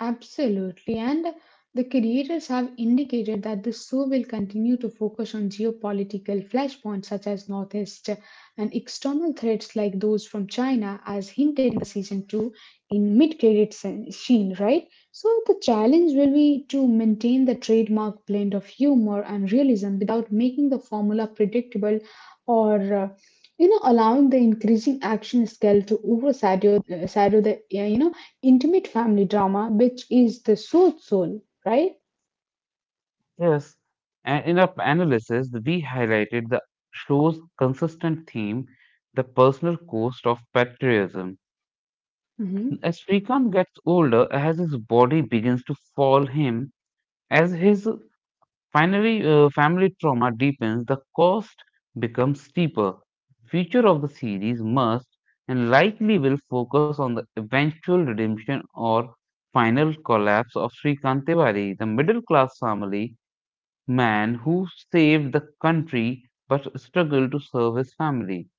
Speaker 2: Absolutely, and the creators have indicated that the show will continue to focus on geopolitical flashpoints such as Northeast and external threats like those from China, as hinted in the season 2 in mid-credit scene, right? So the challenge will be to maintain the trademark blend of humor and realism without making the formula predictable or you know, allowing the increasing action scale to overshadow shadow the you know, intimate family drama, which is the soul, right?
Speaker 1: Yes, and in our analysis, we highlighted the show's consistent theme, the personal cost of patriotism.
Speaker 2: Hmm.
Speaker 1: As Srikant gets older, as his body begins to fail him, as his family trauma deepens, the cost becomes steeper. Future of the series must and likely will focus on the eventual redemption or final collapse of Srikant Tiwari, the middle class family man who saved the country but struggled to serve his family.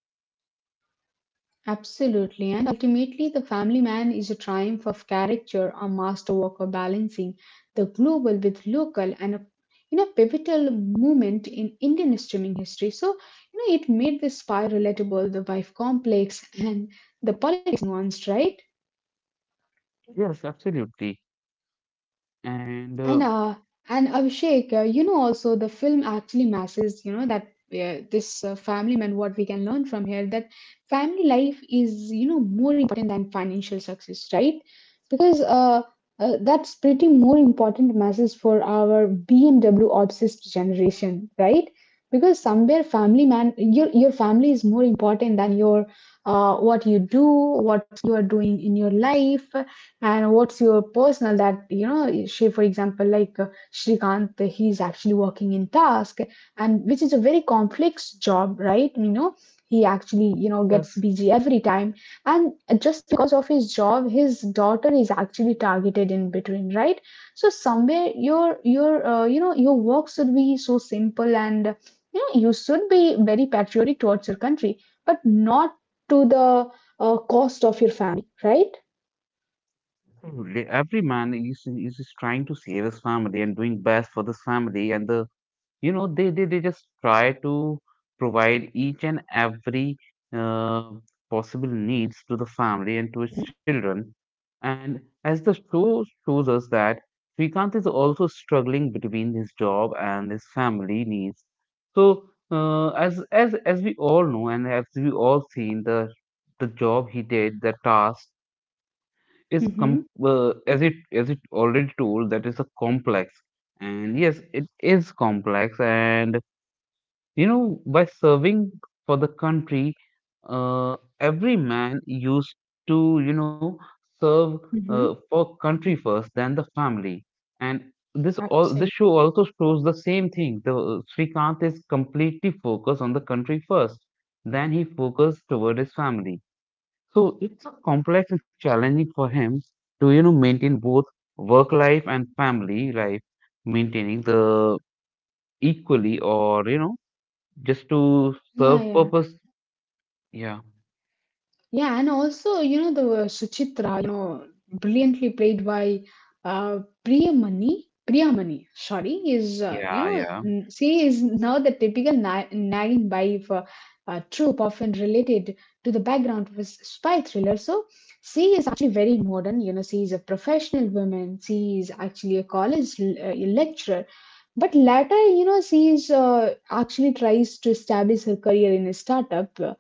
Speaker 2: Absolutely. And ultimately, the family man is a triumph of character, a masterwork of balancing the global with local, and a you know, pivotal moment in Indian streaming history. So, it made the spy relatable, the wife complex, and the politics nuanced, right?
Speaker 1: Yes, absolutely. And uh,
Speaker 2: And uh, and Abhishek, also the film actually masses, you know, that this family man, what we can learn from here, that family life is, you know, more important than financial success, right? Because That's pretty more important masses for our BMW obsessed generation, right? Because somewhere family man, your family is more important than your what you do, what you are doing in your life and what's your personal that you know? She, for example, like Shrikant, he's actually working in task, and which is a very complex job, right? You know, he actually you know gets
Speaker 1: yes,
Speaker 2: busy every time, and just because of his job, his daughter is actually targeted in between, right? So somewhere you know your work should be so simple, and you know you should be very patriotic towards your country, but not to the cost of your family, right?
Speaker 1: Every man is trying to save his family and doing best for this family, and they they just try to provide each and every uh, possible needs to the family and to its children, and as the show shows us that Srikanth is also struggling between his job and his family needs. So as we all know and as we all seen, the job he did, the task, is as it already told that is a complex, and yes it is complex. And you know, by serving for the country, every man used to, you know, serve
Speaker 2: Mhm.
Speaker 1: for country first, then the family. And this all this
Speaker 2: Absolutely.
Speaker 1: show also shows the same thing. The Srikanth is completely focused on the country first, then he focused toward his family. So it's a complex and challenging for him to, maintain both work life and family life, maintaining the equally or just to
Speaker 2: Yeah,
Speaker 1: serve
Speaker 2: yeah.
Speaker 1: purpose? Yeah.
Speaker 2: Yeah, and also, you know, the Suchitra, you know, brilliantly played by Priyamani, sorry, is,
Speaker 1: Yeah, yeah.
Speaker 2: she is now the typical na nagging wife trope often related to the background of a spy thriller. So she is actually very modern, you know, she is a professional woman, she is actually a college lecturer. But later, you know, she is actually tries to establish her career in a startup.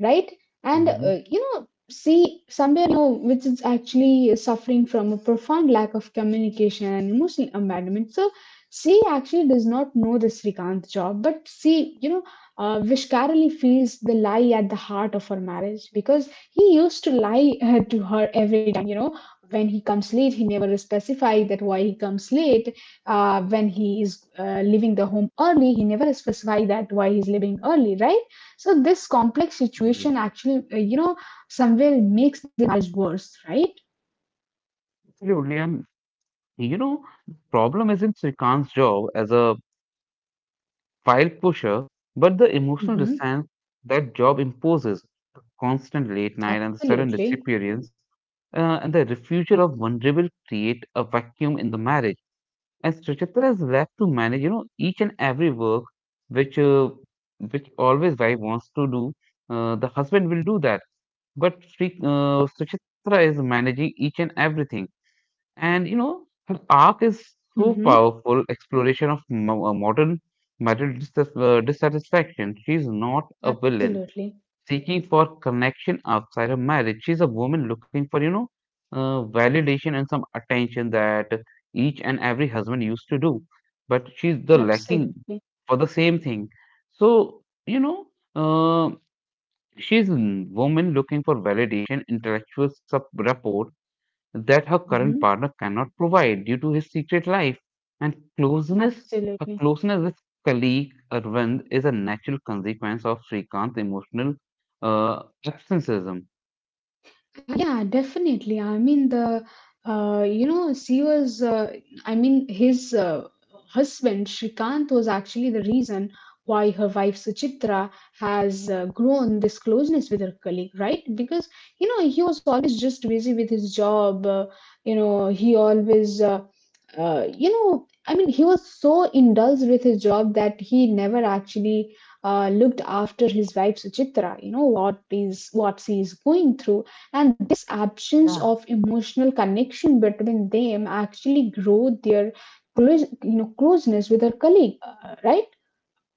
Speaker 2: Right? And
Speaker 1: Mhm.
Speaker 2: you know, see, somewhere you know, which is actually suffering from a profound lack of communication and emotional abandonment. So, she actually does not know the Srikant job, but see, you know, Vishkarali feels the lie at the heart of her marriage because he used to lie to her every time. You know, when he comes late, he never specified that why he comes late. When he is leaving the home early, he never specified that why he's leaving early, right? So this complex situation
Speaker 1: Mhm.
Speaker 2: actually, somewhere makes the marriage worse, right?
Speaker 1: Absolutely. And the problem isn't Srikant's job as a file pusher, but the emotional
Speaker 2: Mm-hmm.
Speaker 1: distance that job imposes, the constant late night and the sudden
Speaker 2: Absolutely.
Speaker 1: disappearance, and the refusal of vulnerable create a vacuum in the marriage. And Srichitra is left to manage, each and every work which uh, which always wife wants to do. The husband will do that, but Suchitra is managing each and everything. And her arc is so
Speaker 2: Mm-hmm.
Speaker 1: powerful exploration of modern marital dissatisfaction. She's not a villain
Speaker 2: Absolutely.
Speaker 1: seeking for connection outside her marriage. She's a woman looking for, validation and some attention that each and every husband used to do. But she's the lacking
Speaker 2: Absolutely.
Speaker 1: for the same thing. So, you know, uh, she's a woman looking for validation, intellectual rapport that her current
Speaker 2: Mm-hmm.
Speaker 1: partner cannot provide due to his secret life and closeness. Her
Speaker 2: Absolutely.
Speaker 1: closeness with colleague Arvind is a natural consequence of Srikant's emotional absenteeism.
Speaker 2: Yeah, definitely. I mean, she was. I mean, his husband Shrikant was actually the reason why her wife Suchitra has grown this closeness with her colleague, right? Because you know he was always just busy with his job. You know, he always. You know, I mean, he was so indulged with his job that he never actually looked after his wife Suchitra. You know what is what she is going through, and
Speaker 1: Yeah,
Speaker 2: absence of emotional connection between them actually grow their closeness with their colleague, right?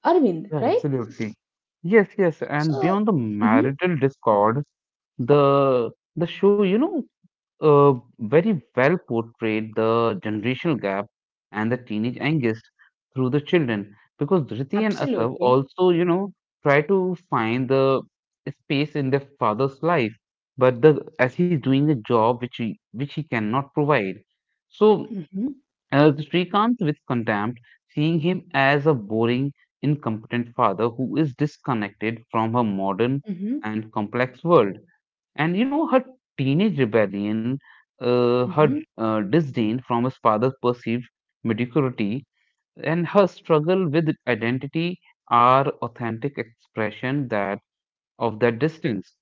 Speaker 2: Arvind,
Speaker 1: yeah,
Speaker 2: right?
Speaker 1: absolutely. Yes, yes, and beyond
Speaker 2: So,
Speaker 1: the
Speaker 2: mhm,
Speaker 1: marital discord, the show, uh, very well portrayed the generational gap and the teenage angst through the children because Dhriti and Asav
Speaker 2: absolutely.
Speaker 1: also, try to find the space in their father's life, but the as he's doing a job which he cannot provide. So
Speaker 2: Hmm.
Speaker 1: Srikanth with contempt, seeing him as a boring, incompetent father who is disconnected from her modern
Speaker 2: Hmm.
Speaker 1: and complex world. And her teenage rebellion, her
Speaker 2: Hmm.
Speaker 1: disdain from his father's perceived mediocrity, and her struggle with identity are authentic expression that of that distance.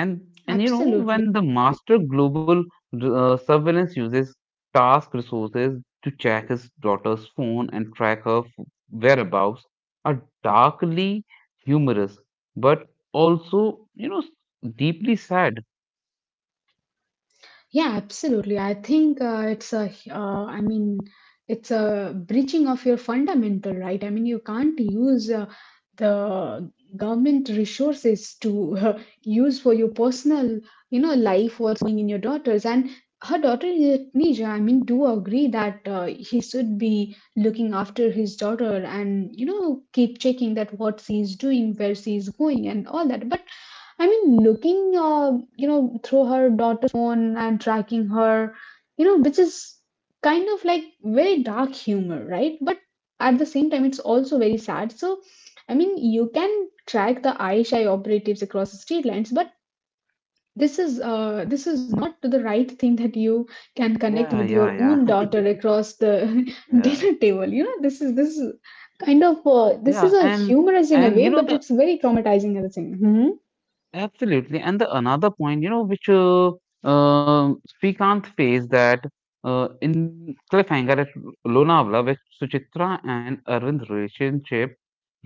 Speaker 1: And and
Speaker 2: Absolutely.
Speaker 1: when the master global surveillance uses task resources to check his daughter's phone and track her whereabouts, are darkly humorous, but also deeply sad.
Speaker 2: Yeah, absolutely. I think I mean, it's a breaching of your fundamental right. I mean, you can't use the government resources to use for your personal, you know, life, what's going in your daughters. And her daughter, Nija, I mean, do agree that he should be looking after his daughter and, you know, keep checking that what she is doing, where she is going, and all that. But I mean, you know, through her daughter phone and tracking her, you know, which is kind of like very dark humor, right? But at the same time, it's also very sad. So, I mean, you can track the ISI operatives across the state lines, but this is not the right thing that you can
Speaker 1: Yeah,
Speaker 2: connect with your
Speaker 1: yeah, yeah.
Speaker 2: own
Speaker 1: [laughs]
Speaker 2: daughter across the [laughs]
Speaker 1: Yeah,
Speaker 2: dinner table. You know, this is kind of this is
Speaker 1: yeah,
Speaker 2: a humorous in a
Speaker 1: and
Speaker 2: way,
Speaker 1: you know
Speaker 2: but
Speaker 1: the
Speaker 2: it's very traumatizing at the same. Hmm.
Speaker 1: absolutely, and the another point you know which Srikanth faced that in cliffhanger at Lonavala which Suchitra and Arvind's relationship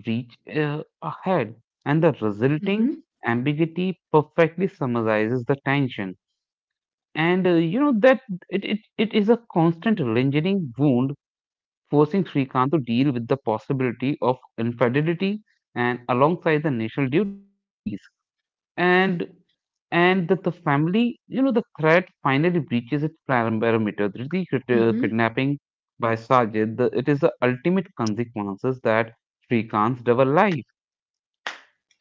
Speaker 1: reach ahead and the resulting
Speaker 2: Mm-hmm.
Speaker 1: ambiguity perfectly summarizes the tension and that it is a constant lingering wound forcing Srikanth to deal with the possibility of infidelity and alongside the national duties. And and that the family, the threat finally breaches its parameter. The kidnapping by Sajid, the, it is the ultimate consequences that Srikanth's double life.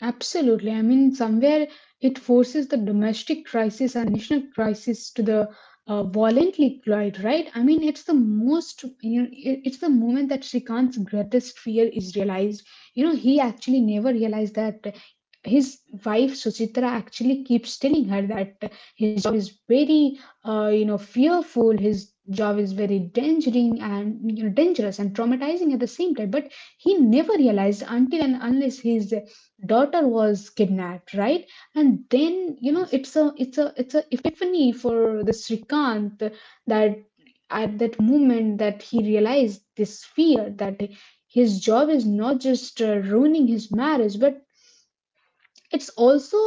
Speaker 2: Absolutely. I mean, somewhere it forces the domestic crisis and the national crisis to the violently collide, right? I mean, it's the most, you know, it's the moment that Srikant's greatest fear is realized. You know, he actually never realized that his wife Suchitra actually keeps telling her that his job is very you know fearful his job is very dangerous and you know dangerous and traumatizing at the same time, but he never realized until and unless his daughter was kidnapped, right? And then you know
Speaker 1: Yes,
Speaker 2: it's a epiphany for the Srikant, that at that moment that he realized this fear that his job is not just ruining his marriage but it's also,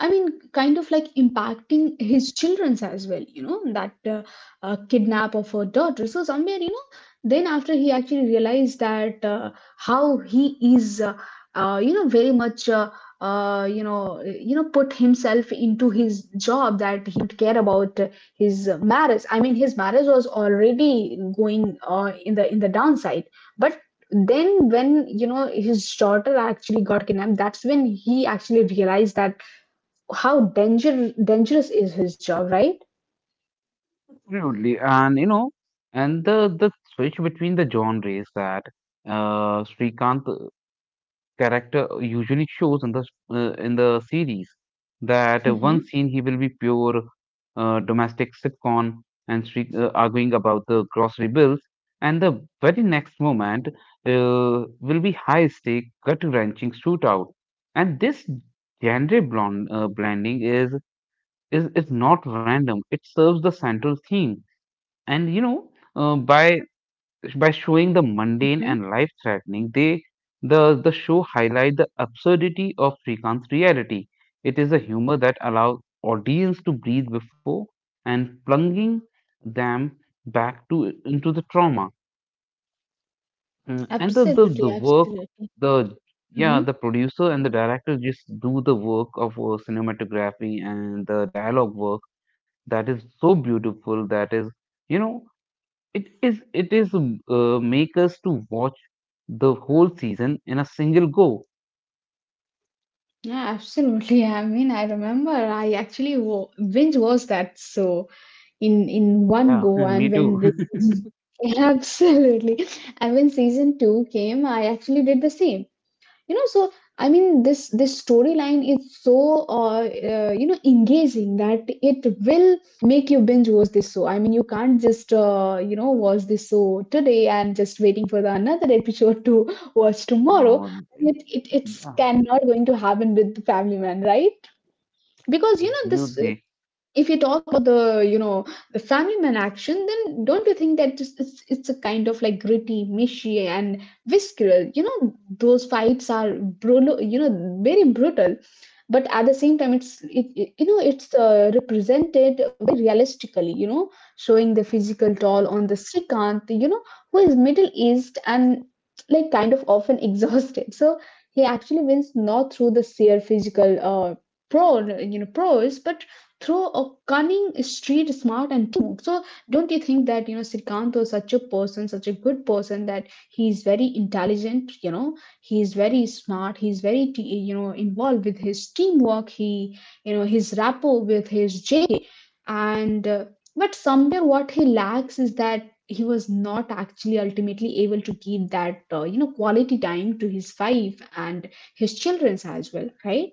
Speaker 2: I mean, kind of like impacting his children's as well, you know, that kidnap of her daughter. So somewhere, you know, then after he actually realized that how he is you know very much you know put himself into his job, that he don't care about his marriage. I mean his marriage was already going in the downside, but then when you know his daughter actually got kidnapped, that's when he actually realized that how dangerous is his job, right?
Speaker 1: absolutely. And and the switch between the genres that Srikanth character usually shows in the in the series that one
Speaker 2: Mm-hmm.
Speaker 1: scene he will be pure domestic sitcom and arguing about the grocery bills and the very next moment uh, will be high stake gut wrenching shootout and this genre blending is is not random. It serves the central theme and uh, by by showing the mundane
Speaker 2: Mm-hmm.
Speaker 1: and life threatening, the show highlight the absurdity of Srikant's reality. It is a humor that allows audience to breathe before and plunging them back to into the trauma. Mm, and the, the
Speaker 2: Absolutely,
Speaker 1: the work
Speaker 2: absolutely.
Speaker 1: the
Speaker 2: Mm-hmm.
Speaker 1: yeah, the producer and the director just do the work of cinematography and the dialogue work that is so beautiful, that is, you know it is make us to watch the whole season in a single go.
Speaker 2: Yeah, absolutely. [laughs] I mean, I remember I actually binge watched that so in
Speaker 1: Yeah,
Speaker 2: one
Speaker 1: [laughs]
Speaker 2: go,
Speaker 1: me
Speaker 2: and
Speaker 1: too.
Speaker 2: when this
Speaker 1: [laughs]
Speaker 2: [laughs] absolutely. And when season two came, I actually did the same. You know, so I mean this storyline is so uh, you know engaging that it will make you binge watch this show. I mean you can't just you know watch this show today and just waiting for the another episode to [laughs] watch tomorrow.
Speaker 1: No,
Speaker 2: I
Speaker 1: it-
Speaker 2: mean, it's
Speaker 1: yeah,
Speaker 2: cannot going to happen with family man, right? Because you know this,
Speaker 1: absolutely.
Speaker 2: if you talk about the you know the family man action, then don't you think that just it's a kind of like gritty mushy and visceral, you know those fights are brutal, you know very brutal, but at the same time you know it's represented very realistically, you know, showing the physical toll
Speaker 1: [laughs]
Speaker 2: on the srikant, you know, who is middle east and like kind of often [laughs] exhausted. So he actually wins not through the sheer physical pro you know pros, but through a cunning, street smart, and witty move. So, don't you think that you know Srikanth was such a person, such a good person, that he's very intelligent. You know, he's very smart. He's very you know involved with his teamwork. He you know his rapport with his J and. But somewhere what he lacks is that he was not actually ultimately able to give that you know quality time to his wife and his children's as well, right?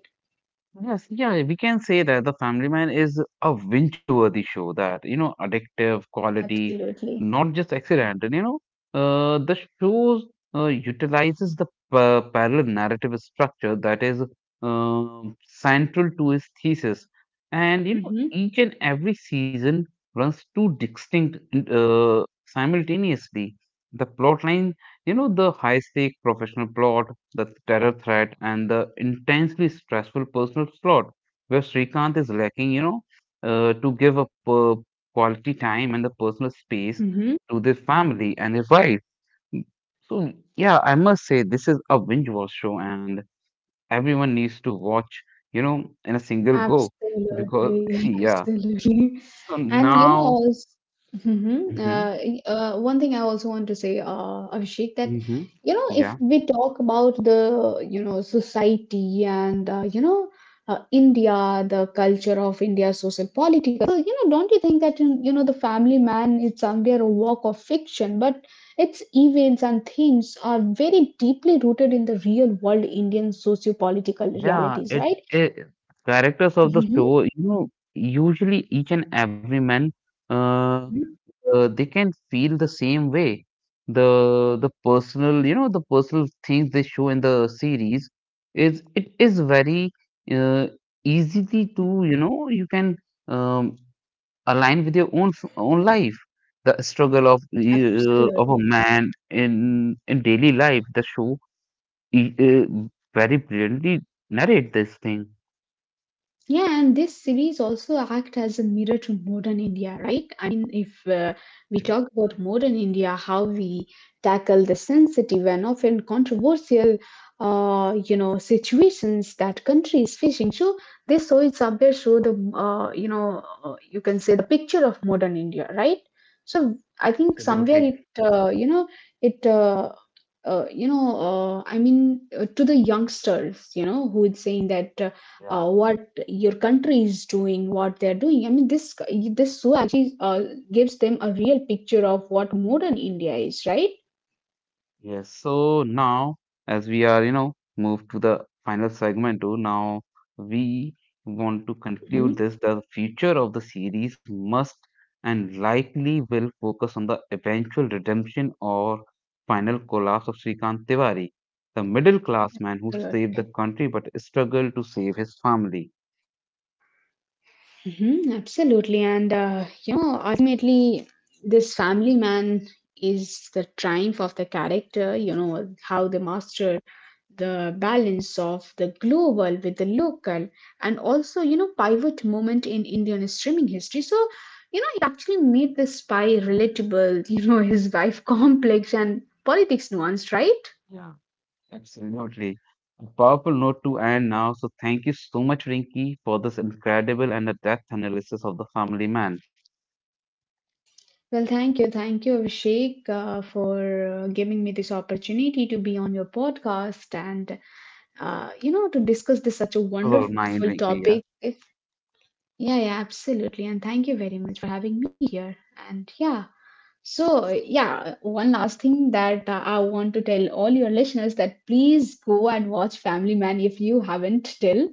Speaker 1: Yes, yeah, we can say that The Family Man is a binge-worthy show that, addictive quality,
Speaker 2: Absolutely.
Speaker 1: not just accidental, you know. The show utilizes the parallel narrative structure that is central to his thesis. And,
Speaker 2: Mm-hmm.
Speaker 1: each and every season runs two distinct simultaneously. The plot line, the high-stake professional plot, the terror threat, and the intensely stressful personal slot where Srikanth is lacking, to give up quality time and the personal space
Speaker 2: Mm-hmm.
Speaker 1: to their family and their wife. So, yeah, I must say this is a binge-watch show, and everyone needs to watch, in a single go because, [laughs]
Speaker 2: Absolutely, [laughs]
Speaker 1: yeah.
Speaker 2: absolutely.
Speaker 1: So
Speaker 2: And you
Speaker 1: now,
Speaker 2: know, also, mhm.
Speaker 1: hmm
Speaker 2: One thing I also want to say, Abhishek, that
Speaker 1: hmm
Speaker 2: you know, if
Speaker 1: yeah,
Speaker 2: we talk about the you know society and India, the culture of India, social political, so, you know, don't you think that you know the family man is somewhere a work of fiction, but its events and themes are very deeply rooted in the real world Indian socio-political
Speaker 1: yeah,
Speaker 2: realities,
Speaker 1: it,
Speaker 2: right?
Speaker 1: it characters of the
Speaker 2: Mhm.
Speaker 1: show, usually each and every man uh, they can feel the same way. The personal, the personal things they show in the series is it is very uh, easily to, you can um, align with your own own life. The struggle
Speaker 2: Absolutely.
Speaker 1: of a man in daily life. The show e- uh, very brilliantly narrate this thing.
Speaker 2: Yeah, and this series also act as a mirror to modern India, right? I mean, if we talk about modern India, how we tackle the sensitive and often controversial, situations that country is facing. So this so it's somewhere show the, you can say the picture of modern India, right? So I think somewhere
Speaker 1: Absolutely,
Speaker 2: it, you know, it. You know, I mean, to the youngsters, you know, who is saying that
Speaker 1: yeah.
Speaker 2: what your country is doing, what they're doing. I mean, this show actually gives them a real picture of what modern India is, right?
Speaker 1: Yes, so now as we are, moved to the final segment too, now we want to
Speaker 2: Mhm.
Speaker 1: conclude this. The future of the series must and likely will focus on the eventual redemption or final collapse of Srikant Tiwari, the middle class man who
Speaker 2: Sure.
Speaker 1: saved the country but struggled to save his family.
Speaker 2: Mhm, absolutely. And, ultimately, this family man is the triumph of the character, you know, how they master the balance of the global with the local, and also, you know, pivot moment in Indian streaming history. So, you know, it actually made the spy relatable, [laughs] you know, his wife complex and politics nuanced, right?
Speaker 1: Yeah, absolutely. Absolutely. A powerful note to end now. So thank you so much, Rinki, for this incredible and a depth analysis of the family man.
Speaker 2: Well, thank you. Thank you, Abhishek, for giving me this opportunity to be on your podcast and to discuss this such a
Speaker 1: This is
Speaker 2: wonderful
Speaker 1: all
Speaker 2: topic. Yeah, yeah, absolutely. And thank you very much for having me here. And yeah, so yeah, one last thing, that I want to tell all your listeners that please go and watch Family Man if you haven't till.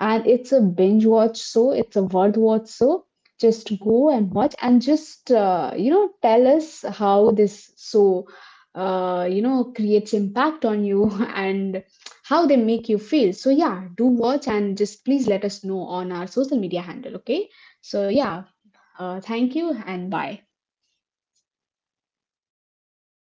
Speaker 2: And it's a binge watch, so it's a worth watch. So just go and watch and just, tell us how this creates impact on you [laughs] and how they make you feel. So yeah, do watch and just please let us know on our social media handle. Okay. So yeah, thank you and bye.